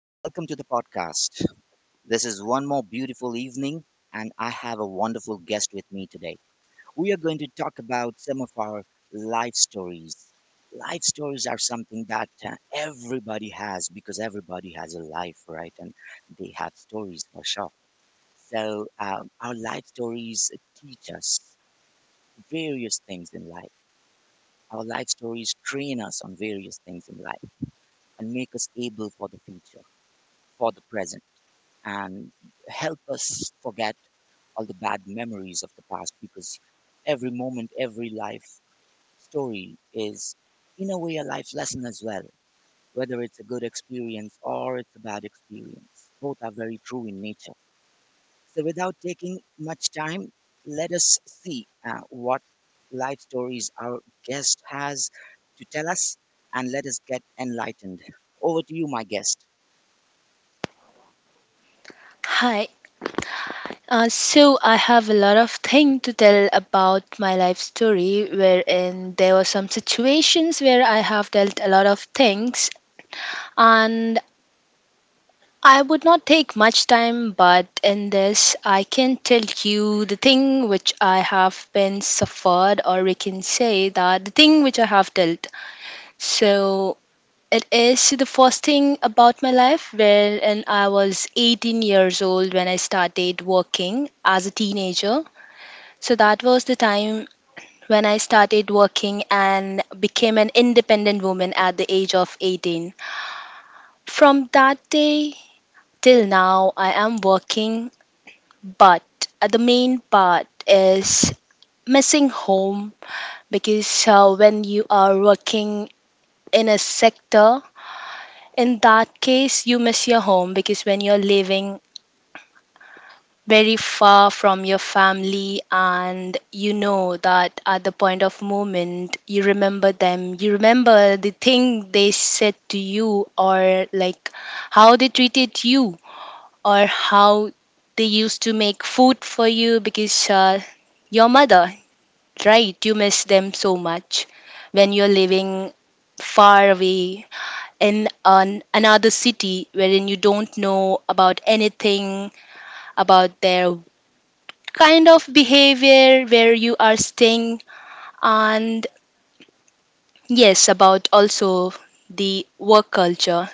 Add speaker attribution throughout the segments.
Speaker 1: Welcome to the podcast. This is one more beautiful evening, and I have a wonderful guest with me today. We are going to talk about some of our life stories. Life stories are something that everybody has because everybody has a life, right? And they have stories for sure. Our life stories teach us various things in life. Our life stories train us on various things in life and make us able for the future. For the present and help us forget all the bad memories of the past, because every moment, every life story is, in a way, a life lesson as well, whether it's a good experience or it's a bad experience. Both are very true in nature. So, without taking much time, let us see what life stories our guest has to tell us and let us get enlightened. Over to you, my guest.
Speaker 2: Hi. So I have a lot of thing to tell about my life story, wherein there were some situations where I have dealt a lot of things, and I would not take much time. But in this, I can tell you the thing which I have been suffered, or we can say that the thing which I have dealt. So it is the first thing about my life wherein I was 18 years old when I started working as a teenager. So that was the time when I started working and became an independent woman at the age of 18. From that day till now, I am working, but the main part is missing home because when you are working in a sector, in that case, you miss your home because when you're living very far from your family, and you know that at the point of moment you remember them, you remember the thing they said to you, or like how they treated you, or how they used to make food for you because your mother, right? You miss them so much when you're living far away in another city wherein you don't know about anything about their kind of behavior where you are staying, and yes, about also the work culture,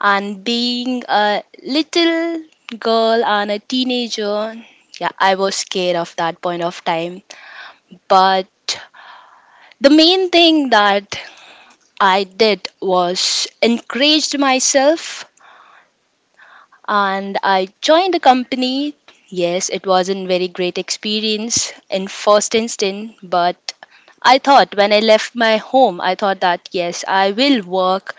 Speaker 2: and being a little girl and a teenager, yeah, I was scared of that point of time. But the main thing that I did was encouraged myself, and I joined the company. Yes, it wasn't very great experience in first instant, but I thought when I left my home, I thought that yes, I will work.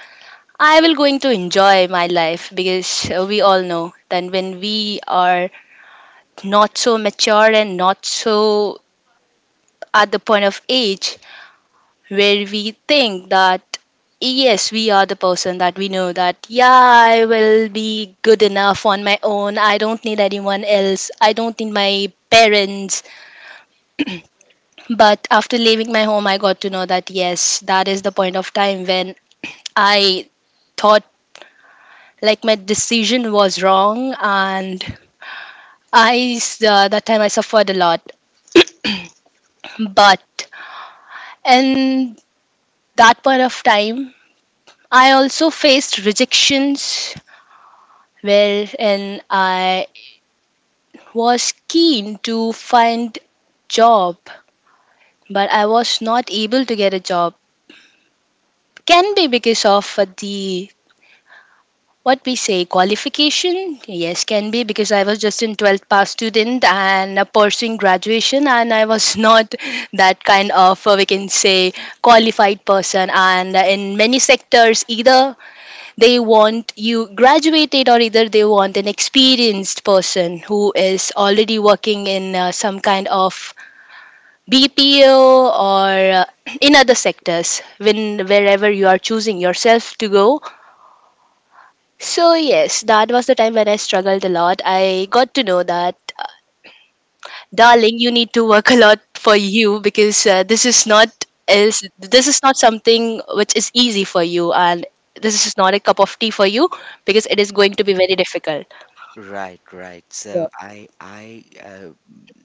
Speaker 2: I will going to enjoy my life because we all know that when we are not so mature and not so at the point of age, where we think that, yes, we are the person that we know that, yeah, I will be good enough on my own. I don't need anyone else. I don't need my parents. But after leaving my home, I got to know that, yes, that is the point of time when I thought like my decision was wrong, and that time I suffered a lot. But in that point of time, I also faced rejections. Well, and I was keen to find job, but I was not able to get a job. Can be because of the, what we say, qualification. Yes, can be because I was just in 12th pass student and pursuing graduation, and I was not that kind of we can say qualified person. And in many sectors, either they want you graduated, or either they want an experienced person who is already working in some kind of BPO or in other sectors when wherever you are choosing yourself to go. So yes, that was the time when I struggled a lot. I got to know that, darling, you need to work a lot for you because this is not, is this is not something which is easy for you, and this is not a cup of tea for you because it is going to be very difficult.
Speaker 1: Right, right.
Speaker 2: Yeah.
Speaker 1: So I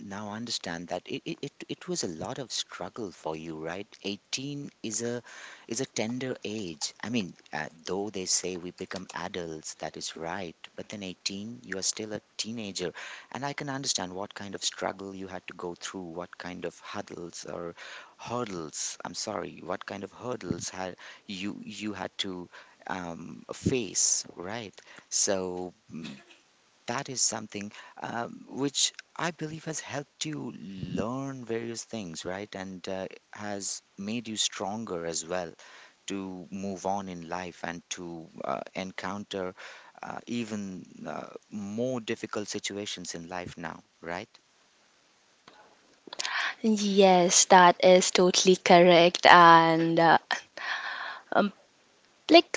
Speaker 1: now understand that it was a lot of struggle for you, right? 18 is a tender age. I mean, though they say we become adults, that is right, but then 18, you are still a teenager, and I can understand what kind of struggle you had to go through, what kind of huddles or hurdles, I'm sorry, what kind of hurdles had you had to face, right? So. mm, that is something which I believe has helped you learn various things, right? And has made you stronger as well to move on in life and to encounter even more difficult situations in life now, right?
Speaker 2: Yes, that is totally correct. And um, like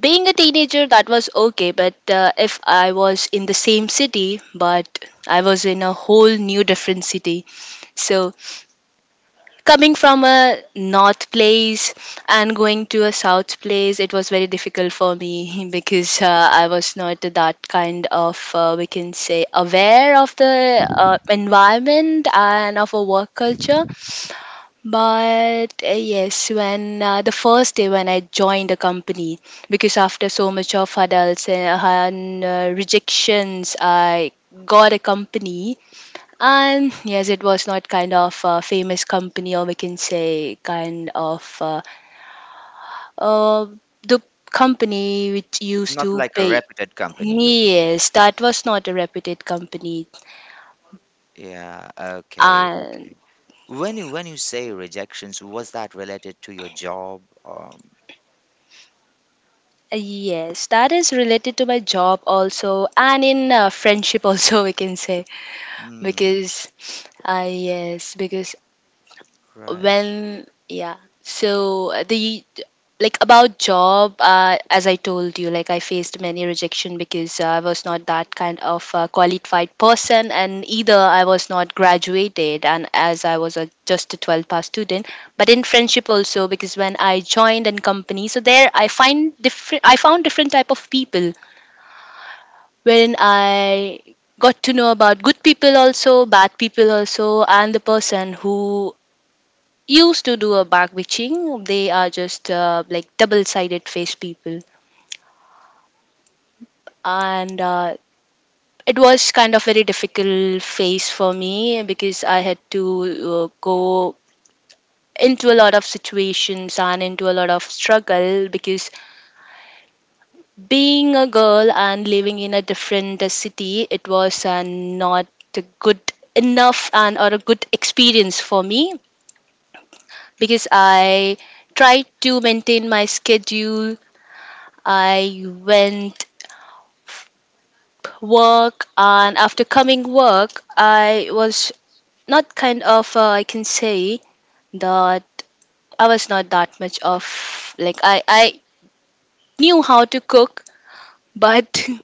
Speaker 2: being a teenager, that was okay. But if I was in the same city, but I was in a whole new different city. So coming from a north place and going to a south place, it was very difficult for me because I was not that kind of, we can say, aware of the environment and of a work culture. But yes, when the first day when I joined the company, because after so much of hurdles and rejections, I got a company. And yes, it was not kind of a famous company, or we can say kind of uh, the company which used
Speaker 1: Not
Speaker 2: to
Speaker 1: like a
Speaker 2: pay.
Speaker 1: reputed company, you mean?
Speaker 2: Yes, that was not a reputed company.
Speaker 1: Right? Yeah, okay,
Speaker 2: And
Speaker 1: okay. When you say rejections, was that related to your job?
Speaker 2: yes, that is related to my job also, and in friendship also, we can say,
Speaker 1: Mm,
Speaker 2: because yes, because
Speaker 1: right,
Speaker 2: when yeah, so the, like about job, as I told you, like I faced many rejection because I was not that kind of qualified person, and either I was not graduated, and as I was a, just a 12 pass student, but in friendship also, because when I joined in company, so there I found different type of people wherein I got to know about good people also, bad people also, and the person who used to do a back bitching. They are just like double sided face people. And it was kind of very difficult phase for me because I had to go into a lot of situations and into a lot of struggle because being a girl and living in a different city, it was not good enough and or a good experience for me because I tried to maintain my schedule. I went work, and after coming work, I was not kind of I can say that I was not that much of, like, I knew how to cook, but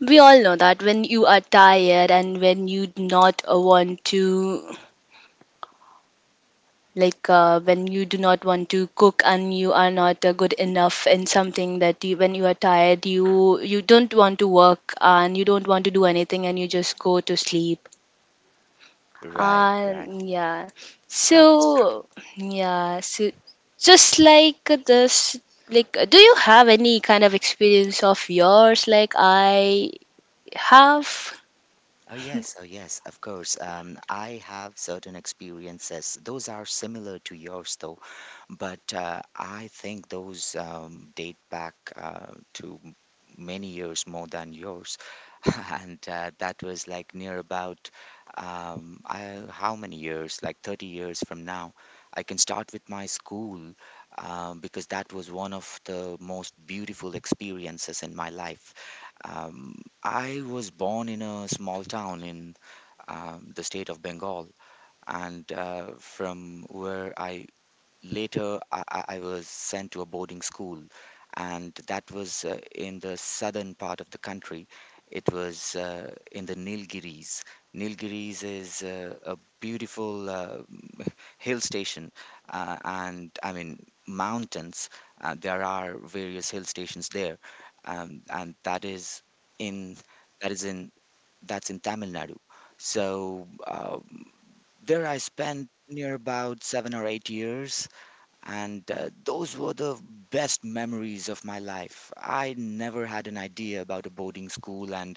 Speaker 2: we all know that when you are tired and when you do not want to, like, when you do not want to cook and you are not good enough in something that you, when you are tired, you don't want to work, and you don't want to do anything, and you just go to sleep.
Speaker 1: right.
Speaker 2: And yeah,
Speaker 1: That is true.
Speaker 2: so yeah, so just like this, like, do you have any kind of experience of yours like I have?
Speaker 1: Oh, yes, oh, yes, of course. I have certain experiences. Those are similar to yours, though, but I think those date back to many years more than yours. And that was like near about how many years? Like 30 years from now. I can start with my school because that was one of the most beautiful experiences in my life. Um, I was born in a small town in the state of Bengal, and from where I later I was sent to a boarding school, and that was in the southern part of the country. It was in the Nilgiris. Nilgiris is a beautiful hill station, and I mean mountains. There are various hill stations there, and in that is in that's in Tamil Nadu. So um, there I spent near about 7 or 8 years, and those were the best memories of my life. I never had an idea about a boarding school, and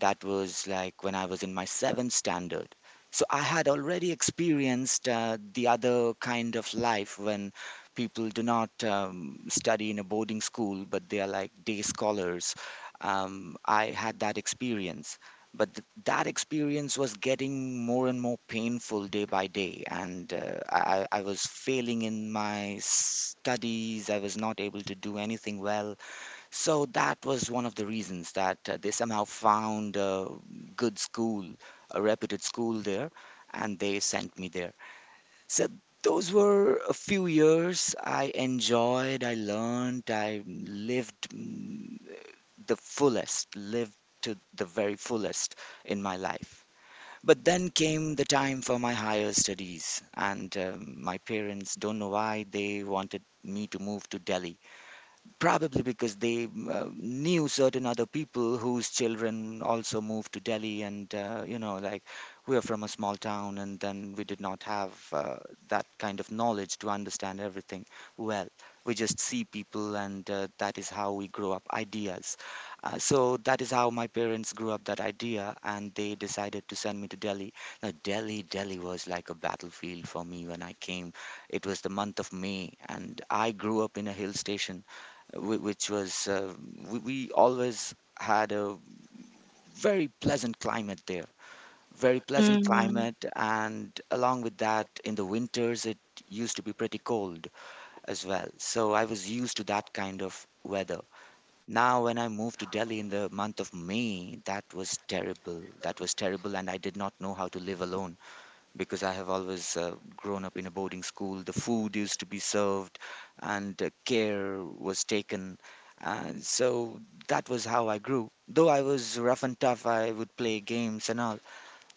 Speaker 1: that was like when I was in my seventh standard. So I had already experienced the other kind of life when people do not study in a boarding school, but they are like day scholars. I had that experience, but that experience was getting more and more painful day by day, and I was failing in my studies. I was not able to do anything well, so that was one of the reasons that they somehow found a good school, a reputed school there, and they sent me there. So those were a few years. I enjoyed, I learned, I lived the fullest, lived to the very fullest in my life. But then came the time for my higher studies, and my parents, don't know why, they wanted me to move to Delhi. Probably because they knew certain other people whose children also moved to Delhi, and you know, like, we are from a small town, and then we did not have that kind of knowledge to understand everything well. We just see people, and that is how we grow up ideas. So that is how my parents grew up that idea, and they decided to send me to Delhi. Now, Delhi was like a battlefield for me when I came. It was the month of May, and I grew up in a hill station, which was we always had a very pleasant climate there, very pleasant climate, and along with that, in the winters, it used to be pretty cold as well. So I was used to that kind of weather. Now, when I moved to Delhi in the month of May, that was terrible. And I did not know how to live alone, because I have always grown up in a boarding school. The food used to be served and care was taken. And so that was how I grew. Though I was rough and tough, I would play games and all.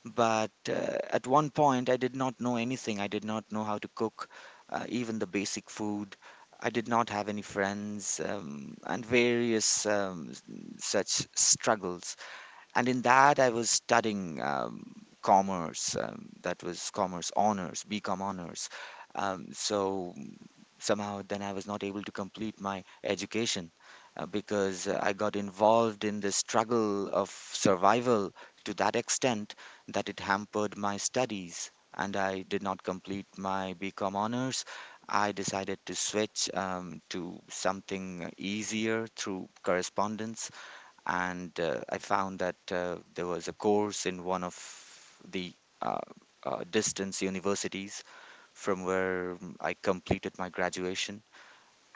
Speaker 1: But at one point, I did not know anything. I did not know how to cook, even the basic food. I did not have any friends, and various such struggles. And in that I was studying commerce. That was commerce honors, BCom honors. um, so mm, Somehow then I was not able to complete my education, because I got involved in the struggle of survival to that extent that it hampered my studies, and I did not complete my BCom honors. I decided to switch to something easier through correspondence. And I found that there was a course in one of the uh, distance universities, from where I completed my graduation.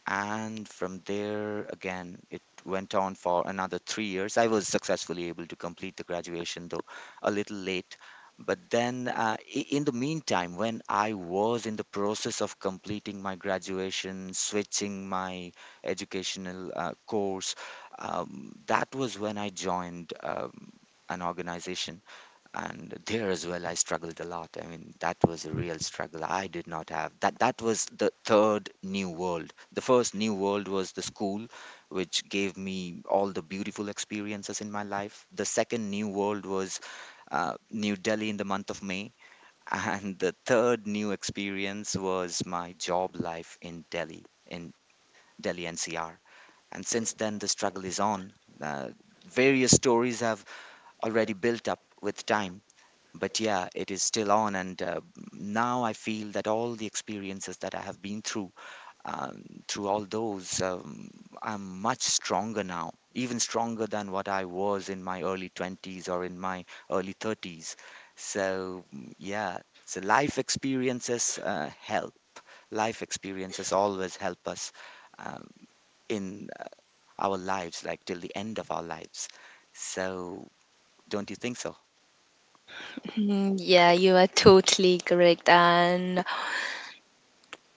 Speaker 1: And from there, again, it went on for another 3 years. I was successfully able to complete the graduation, though a little late. But then, in the meantime, when I was in the process of completing my graduation, switching my educational course, that was when I joined an organization. And there as well I struggled a lot. I mean, that was a real struggle. I did not have that That was the third new world. The first new world was the school, which gave me all the beautiful experiences in my life. The second new world was New Delhi in the month of May, and the third new experience was my job life in Delhi, in Delhi NCR. And since then, the struggle is on. uh, Various stories have already built up with time, but yeah, it is still on. And now I feel that all the experiences that I have been through, um, through all those, um, I'm much stronger now, even stronger than what I was in my early 20s or in my early 30s. Yeah, so life experiences help. Life experiences always help us um, in our lives, like till the end of our lives. So, don't you think so?
Speaker 2: Mm, yeah, you are totally correct. And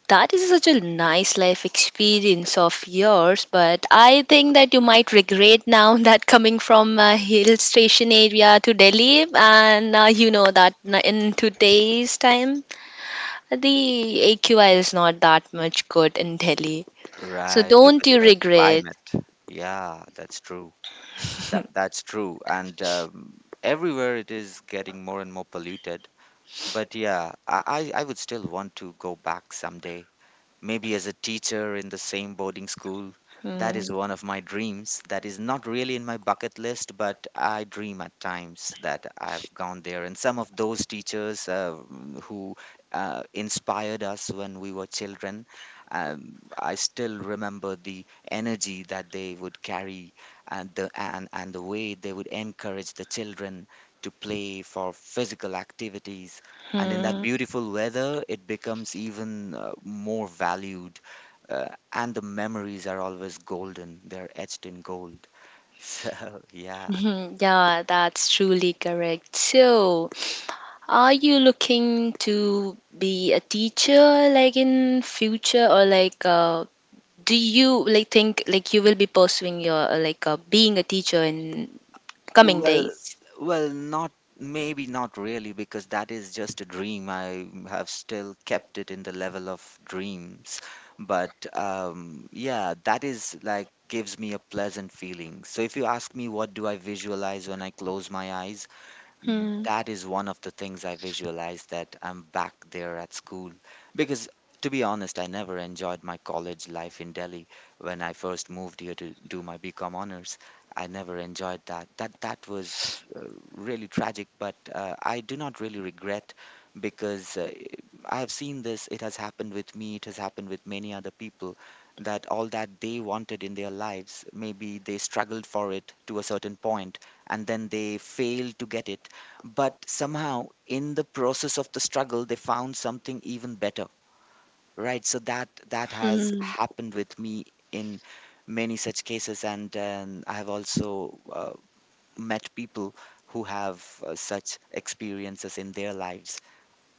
Speaker 2: that is such a nice life experience of yours. But I think that you might regret now that coming from a hill station area to Delhi. And you know that in today's time, the AQI is not that much good in Delhi. So
Speaker 1: Right, look
Speaker 2: don't
Speaker 1: at
Speaker 2: you
Speaker 1: the
Speaker 2: regret.
Speaker 1: climate. Yeah, that's true. That's true. And everywhere it is getting more and more polluted. But yeah, I would still want to go back someday, maybe as a teacher in the same boarding school. That
Speaker 2: Mm-hmm.
Speaker 1: is one of my dreams. That is not really in my bucket list, but I dream at times that I've gone there. And some of those teachers who inspired us when we were children, I still remember the energy that they would carry and the way they would encourage the children to play for physical activities. And in that beautiful weather, it becomes even more valued, and the memories are always golden. They're etched in gold. So yeah,
Speaker 2: Mhm, yeah, that's truly correct. So, are you looking to be a teacher like in future, or like do you like think like you will be pursuing your like being a teacher in coming
Speaker 1: well,
Speaker 2: days?
Speaker 1: well not maybe not really, because that is just a dream. I have still kept it in the level of dreams. But yeah, that is like, gives me a pleasant feeling. So if you ask me what do I visualize when I close my eyes,
Speaker 2: Hmm.
Speaker 1: that is one of the things I visualize, that I'm back there at school. Because, to be honest, I never enjoyed my college life in Delhi when I first moved here to do my BCom honors. I never enjoyed that. That was really tragic, but I do not really regret, because I have seen this. It has happened with me. It has happened with many other people that all that they wanted in their lives, maybe they struggled for it to a certain point and then they failed to get it, but somehow in the process of the struggle they found something even better. Right, so that has
Speaker 2: Hmm.
Speaker 1: happened with me in many such cases. And I have also met people who have such experiences in their lives.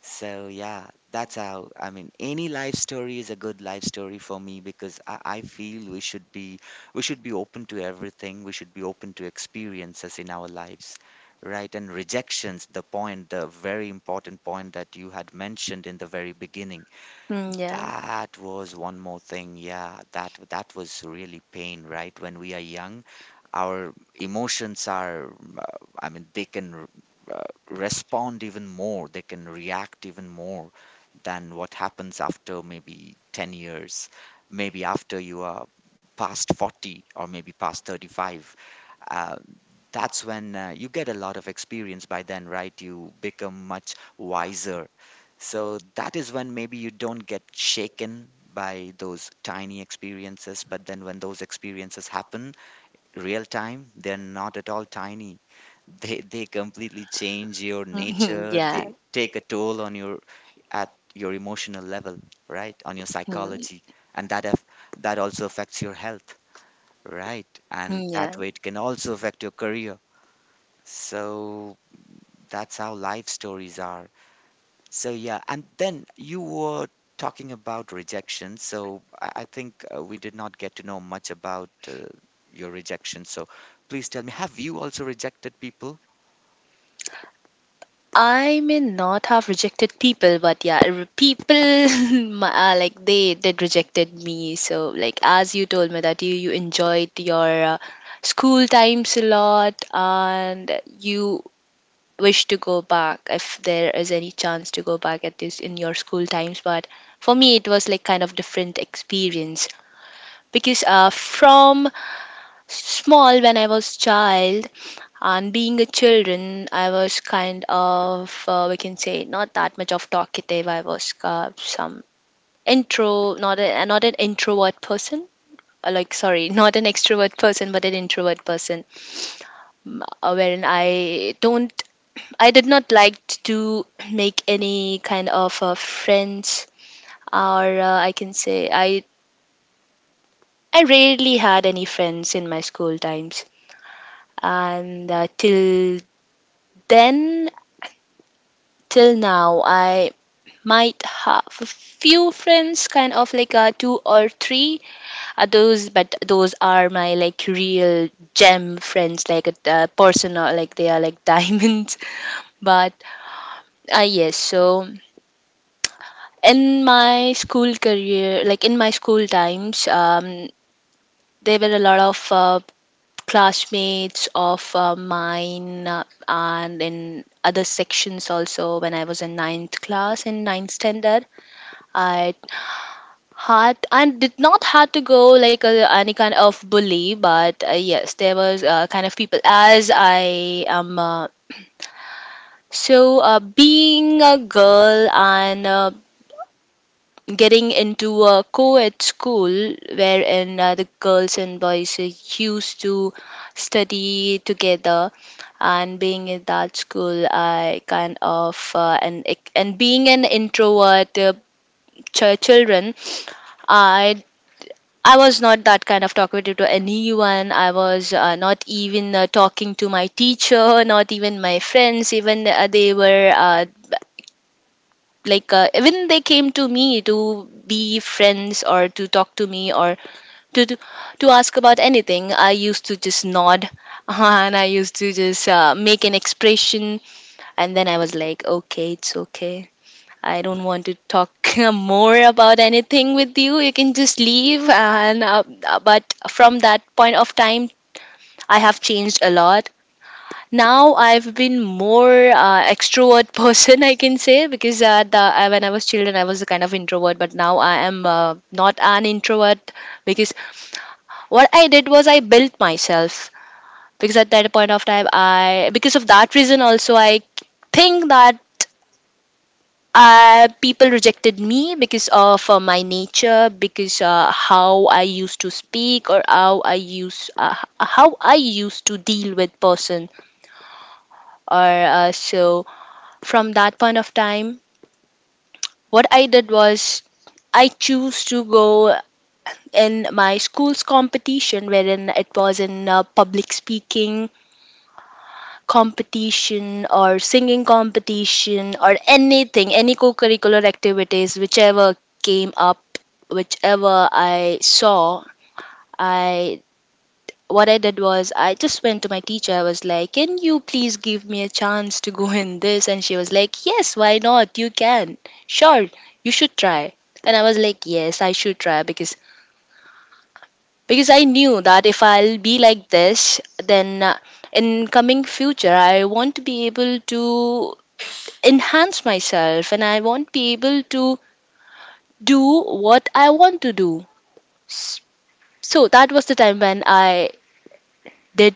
Speaker 1: So yeah, that's how, I mean, any life story is a good life story for me, because I feel we should be, we should be open to everything. We should be open to experiences in our lives, right? And rejections, the point, the very important point that you had mentioned in the very beginning,
Speaker 2: Hmm, yeah.
Speaker 1: that was one more thing. Yeah, that was really pain, right? When we are young, our emotions are, I mean, they can uh, respond even more. They can react even more than what happens after maybe 10 years, maybe after you are past 40 or maybe past 35. uh, that's when, you get a lot of experience by then, right? You become much wiser. So that is when maybe you don't get shaken by those tiny experiences, but then when those experiences happen real time, they're not at all tiny. They completely change your
Speaker 2: Hmm,
Speaker 1: nature.
Speaker 2: yeah.
Speaker 1: They take a toll on your, at your emotional level, right? On your
Speaker 2: Hmm,
Speaker 1: psychology, and that also affects your health, right? And
Speaker 2: yeah.
Speaker 1: that way it can also affect your career. So that's how life stories are. So yeah, and then you were talking about rejection. So I think we did not get to know much about your rejection. So please tell me, have you also rejected people?
Speaker 2: I may not have rejected people, but yeah, people, my, like they did rejected me. So like as you told me that you enjoyed your school times a lot, and you wish to go back if there is any chance to go back at this in your school times. But for me, it was like kind of different experience, because uh, from small when I was child and being a children, I was kind of, we can say, not that much of talkative. I was some not an introvert person. Like, sorry, not an extrovert person, but an introvert person. Wherein I don't, I did not like to make any kind of friends, or I can say, I rarely had any friends in my school times, and till then, till now, I might have a few friends kind of like two or three others, but those are my like real gem friends, like personal, like they are like diamonds. But yes, so in my school career, like in my school times, there were a lot of classmates of mine, and in other sections also, when I was in ninth class, in ninth standard, I had and did not had to go like a, any kind of bully, but yes, there was kind of people as I am, so being a girl and getting into a co-ed school wherein the girls and boys used to study together, and being in that school I kind of and being an introvert children, I I was not that kind of talkative to anyone. I was not even talking to my teacher, not even my friends. Even they were like, even they came to me to be friends or to talk to me or to to, to ask about anything. I used to just nod and I used to just make an expression, and then I was like, okay, it's okay, I don't want to talk more about anything with you. You can just leave. And but from that point of time, I have changed a lot. Now I've been more extrovert person, I can say, because when I was children, I was a kind of introvert, but now I am not an introvert because what I did was I built myself because at that point of time, I because of that reason also I think that people rejected me because of my nature, because how I used to speak or how I used to deal with person. Or so from that point of time, what I did was I choose to go in my school's competition, wherein it was in public speaking competition or singing competition or anything, any co curricular activities, whichever came up, whichever I saw, I what I did was I just went to my teacher. I was like, can you please give me a chance to go in this? And she was like, yes, why not? You can. Sure, you should try. And I was like, yes, I should try because I knew that if I'll be like this, then in coming future I want to be able to enhance myself and I won't be able to do what I want to do. S- So that was the time when I did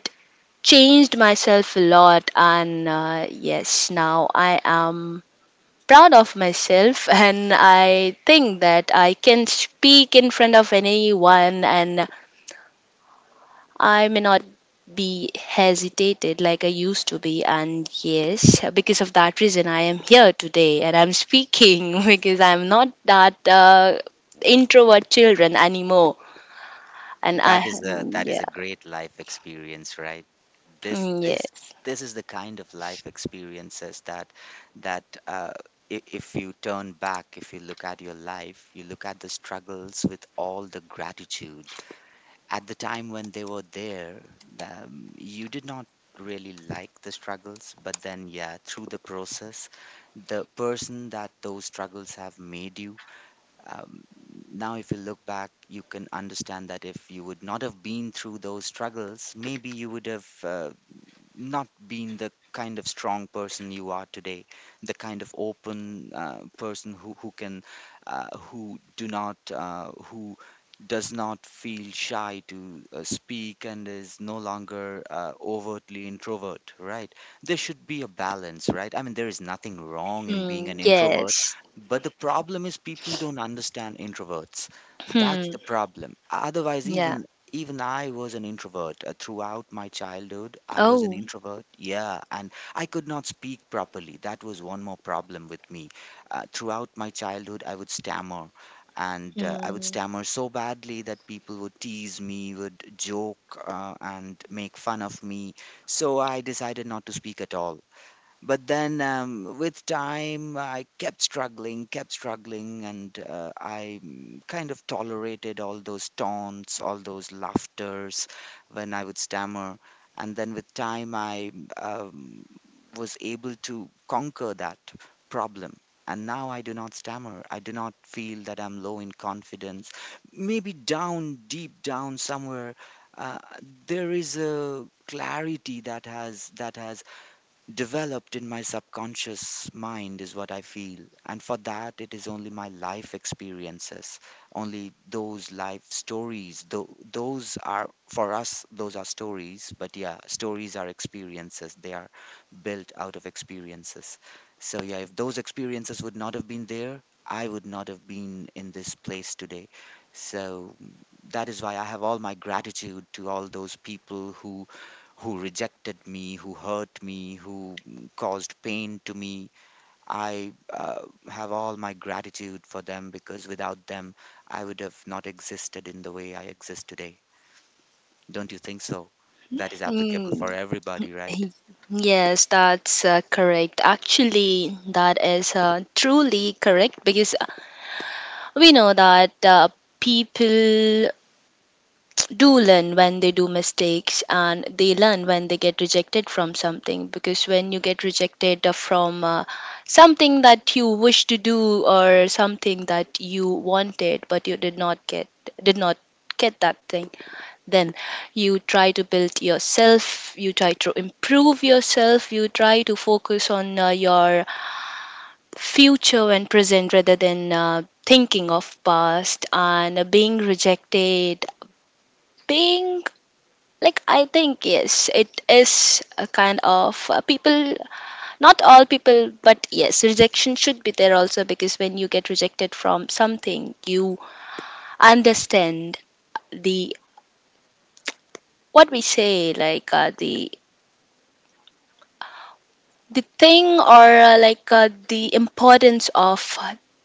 Speaker 2: changed myself a lot and yes now I am proud of myself and I think that I can speak in front of anyone and I may not be hesitated like I used to be. And yes, because of that reason, I am here today and I'm speaking because I'm not that introvert children anymore. And
Speaker 1: That is a, that is
Speaker 2: yeah.
Speaker 1: a great life experience, right? This
Speaker 2: Mm,
Speaker 1: this
Speaker 2: yes.
Speaker 1: this is the kind of life experiences that, that uh, if you turn back, if you look at your life, you look at the struggles with all the gratitude. At the time when they were there, the, you did not really like the struggles, but then, yeah, through the process, the person that those struggles have made you, um, now if you look back, you can understand that if you would not have been through those struggles, maybe you would have not being the kind of strong person you are today, the kind of open person who can who do not, who does not feel shy to speak and is no longer overtly introvert, right? There should be a balance, right? I mean, there is nothing wrong in being
Speaker 2: Mm,
Speaker 1: an introvert,
Speaker 2: yes.
Speaker 1: but the problem is people don't understand introverts. That's
Speaker 2: Hmm,
Speaker 1: the problem. Otherwise,
Speaker 2: yeah.
Speaker 1: even I was an introvert. Throughout my childhood, I was an
Speaker 2: Oh.
Speaker 1: introvert. Yeah, and I could not speak properly. That was one more problem with me. Throughout my childhood, I would stammer, and I would
Speaker 2: Mm.
Speaker 1: stammer so badly that people would tease me, would joke, and make fun of me. So I decided not to speak at all. But then with time, I kept struggling, and I kind of tolerated all those taunts, all those laughters when I would stammer. And then with time, I um, was able to conquer that problem. And now I do not stammer. I do not feel that I'm low in confidence. Maybe down, deep down somewhere, uh, there is a clarity that has developed in my subconscious mind, is what I feel. And for that, it is only my life experiences, only those life stories. Though those are for us, those are stories, but yeah, stories are experiences. They are built out of experiences. So yeah, if those experiences would not have been there, I would not have been in this place today. So that is why I have all my gratitude to all those people who rejected me, who hurt me, who, caused pain to me. I have all my gratitude for them, because without them, I would have not existed in the way I exist today. Don't you think so? That is applicable
Speaker 2: Mm,
Speaker 1: for everybody, right?
Speaker 2: yes, that's correct. Actually, that is truly correct because we know that people do learn when they do mistakes and they learn when they get rejected from something because when you get rejected from something that you wish to do or something that you wanted but you did not get, did not get that thing, then you try to build yourself, you try to improve yourself, you try to focus on your future and present rather than thinking of past and being rejected, being like I think yes it is a kind of people, not all people, but yes rejection should be there also because when you get rejected from something you understand the, what we say, the thing or the importance of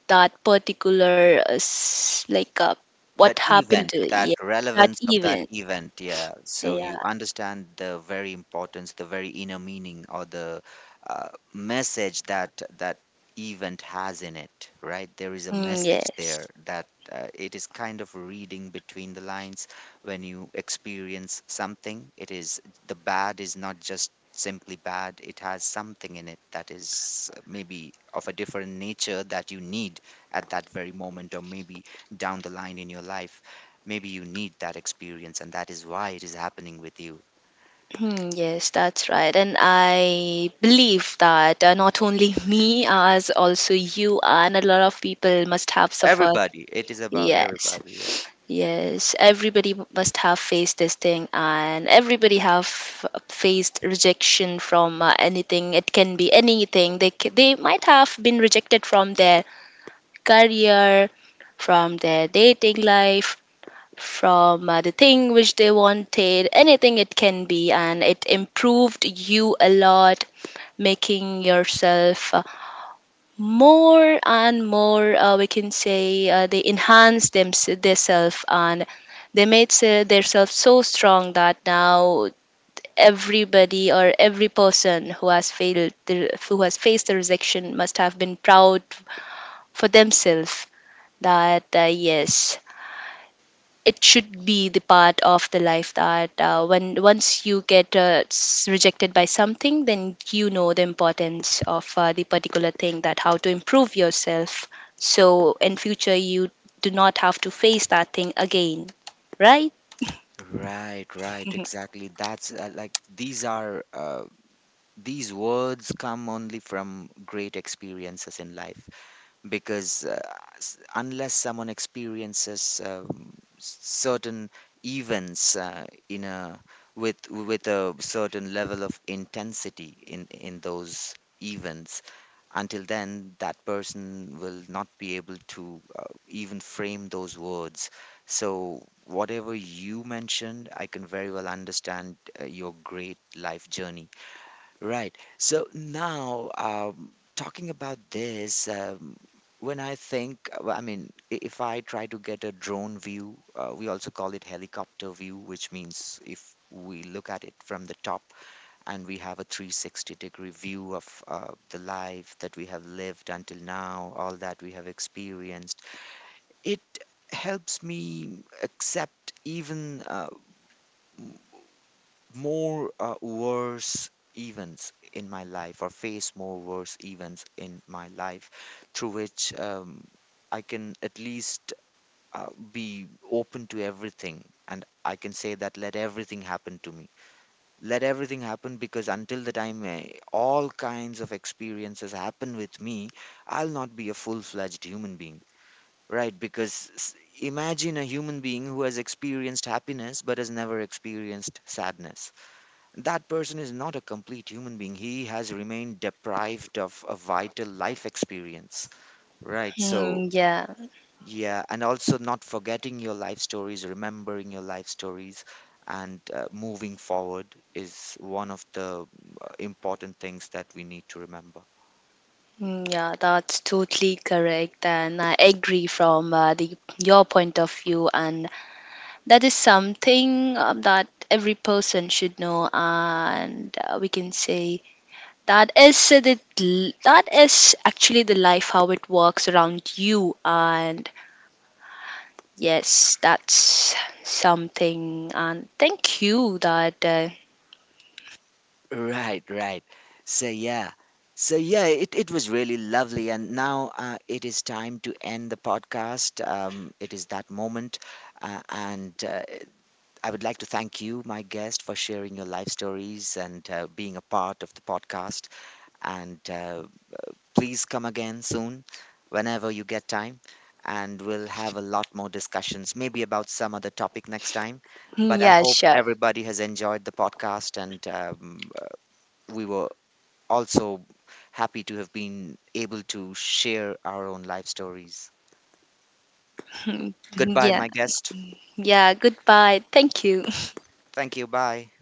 Speaker 2: that particular what
Speaker 1: That
Speaker 2: happened
Speaker 1: event,
Speaker 2: to,
Speaker 1: that
Speaker 2: yeah, that
Speaker 1: relevance of that
Speaker 2: event,
Speaker 1: event, yeah. So
Speaker 2: yeah.
Speaker 1: you understand the very importance, the very inner meaning, or the uh, message that, that event has in it, right? There is a
Speaker 2: Mm,
Speaker 1: message there,
Speaker 2: yes.
Speaker 1: that it is kind of reading between the lines when you experience something. It is, the bad is not just simply bad. It has something in it that is maybe of a different nature that you need at that very moment, or maybe down the line in your life, maybe you need that experience, and that is why it is happening with you.
Speaker 2: Hmm, yes, that's right. And I believe that not only me, as also you and a lot of people must have suffered.
Speaker 1: Everybody, it is about everybody. Yeah.
Speaker 2: Yes. Yes, everybody must have faced this thing, and everybody have faced rejection from anything. It can be anything. They they might have been rejected from their career, from their dating life, from the thing which they wanted, anything it can be, and it improved you a lot, making yourself more and more, we can say, they enhanced them, themselves, and they made themselves so strong that now everybody, or every person who has who has faced the rejection must have been proud for themselves, that yes it should be the part of the life that when once you get rejected by something then you know the importance of the particular thing, that how to improve yourself, so in future you do not have to face that thing again, right.
Speaker 1: Right, right, exactly. That's like, these are these words come only from great experiences in life, because unless someone experiences certain events in a, with a certain level of intensity in those events, until then that person will not be able to even frame those words. So whatever you mentioned, I can very well understand your great life journey, right? So now, talking about this, when I think, if I try to get a drone view, we also call it helicopter view, which means if we look at it from the top and we have a 360 degree view of the life that we have lived until now, all that we have experienced. It helps me accept even, m- more worse events in my life, or face more worse events in my life, through which I can at least uh, be open to everything, and I can say that let everything happen to me, let everything happen, because until the time all kinds of experiences happen with me, I'll not be a full-fledged human being, right? Imagine a human being who has experienced happiness but has never experienced sadness. That person is not a complete human being. He has remained deprived of a vital life experience, right? So
Speaker 2: Mm, yeah.
Speaker 1: yeah, and also not forgetting your life stories, remembering your life stories, and moving forward is one of the, important things that we need to remember.
Speaker 2: Mm, yeah, that's totally correct, and I agree from the your point of view, and that is something that every person should know, and we can say, That is the that is actually the life how it works around you. And yes, that's something, and thank you that
Speaker 1: Right, right. So yeah. So yeah, it was really lovely. And now it is time to end the podcast. It is that moment. And I would like to thank you, my guest, for sharing your life stories and being a part of the podcast. And Please come again soon whenever you get time, and we'll have a lot more discussions, maybe about some other topic next time. But I
Speaker 2: yeah,
Speaker 1: hope
Speaker 2: sure.
Speaker 1: everybody has enjoyed the podcast, and we were also happy to have been able to share our own life stories. Goodbye,
Speaker 2: Yeah.
Speaker 1: my guest.
Speaker 2: Yeah, goodbye, thank you.
Speaker 1: Thank you. Bye.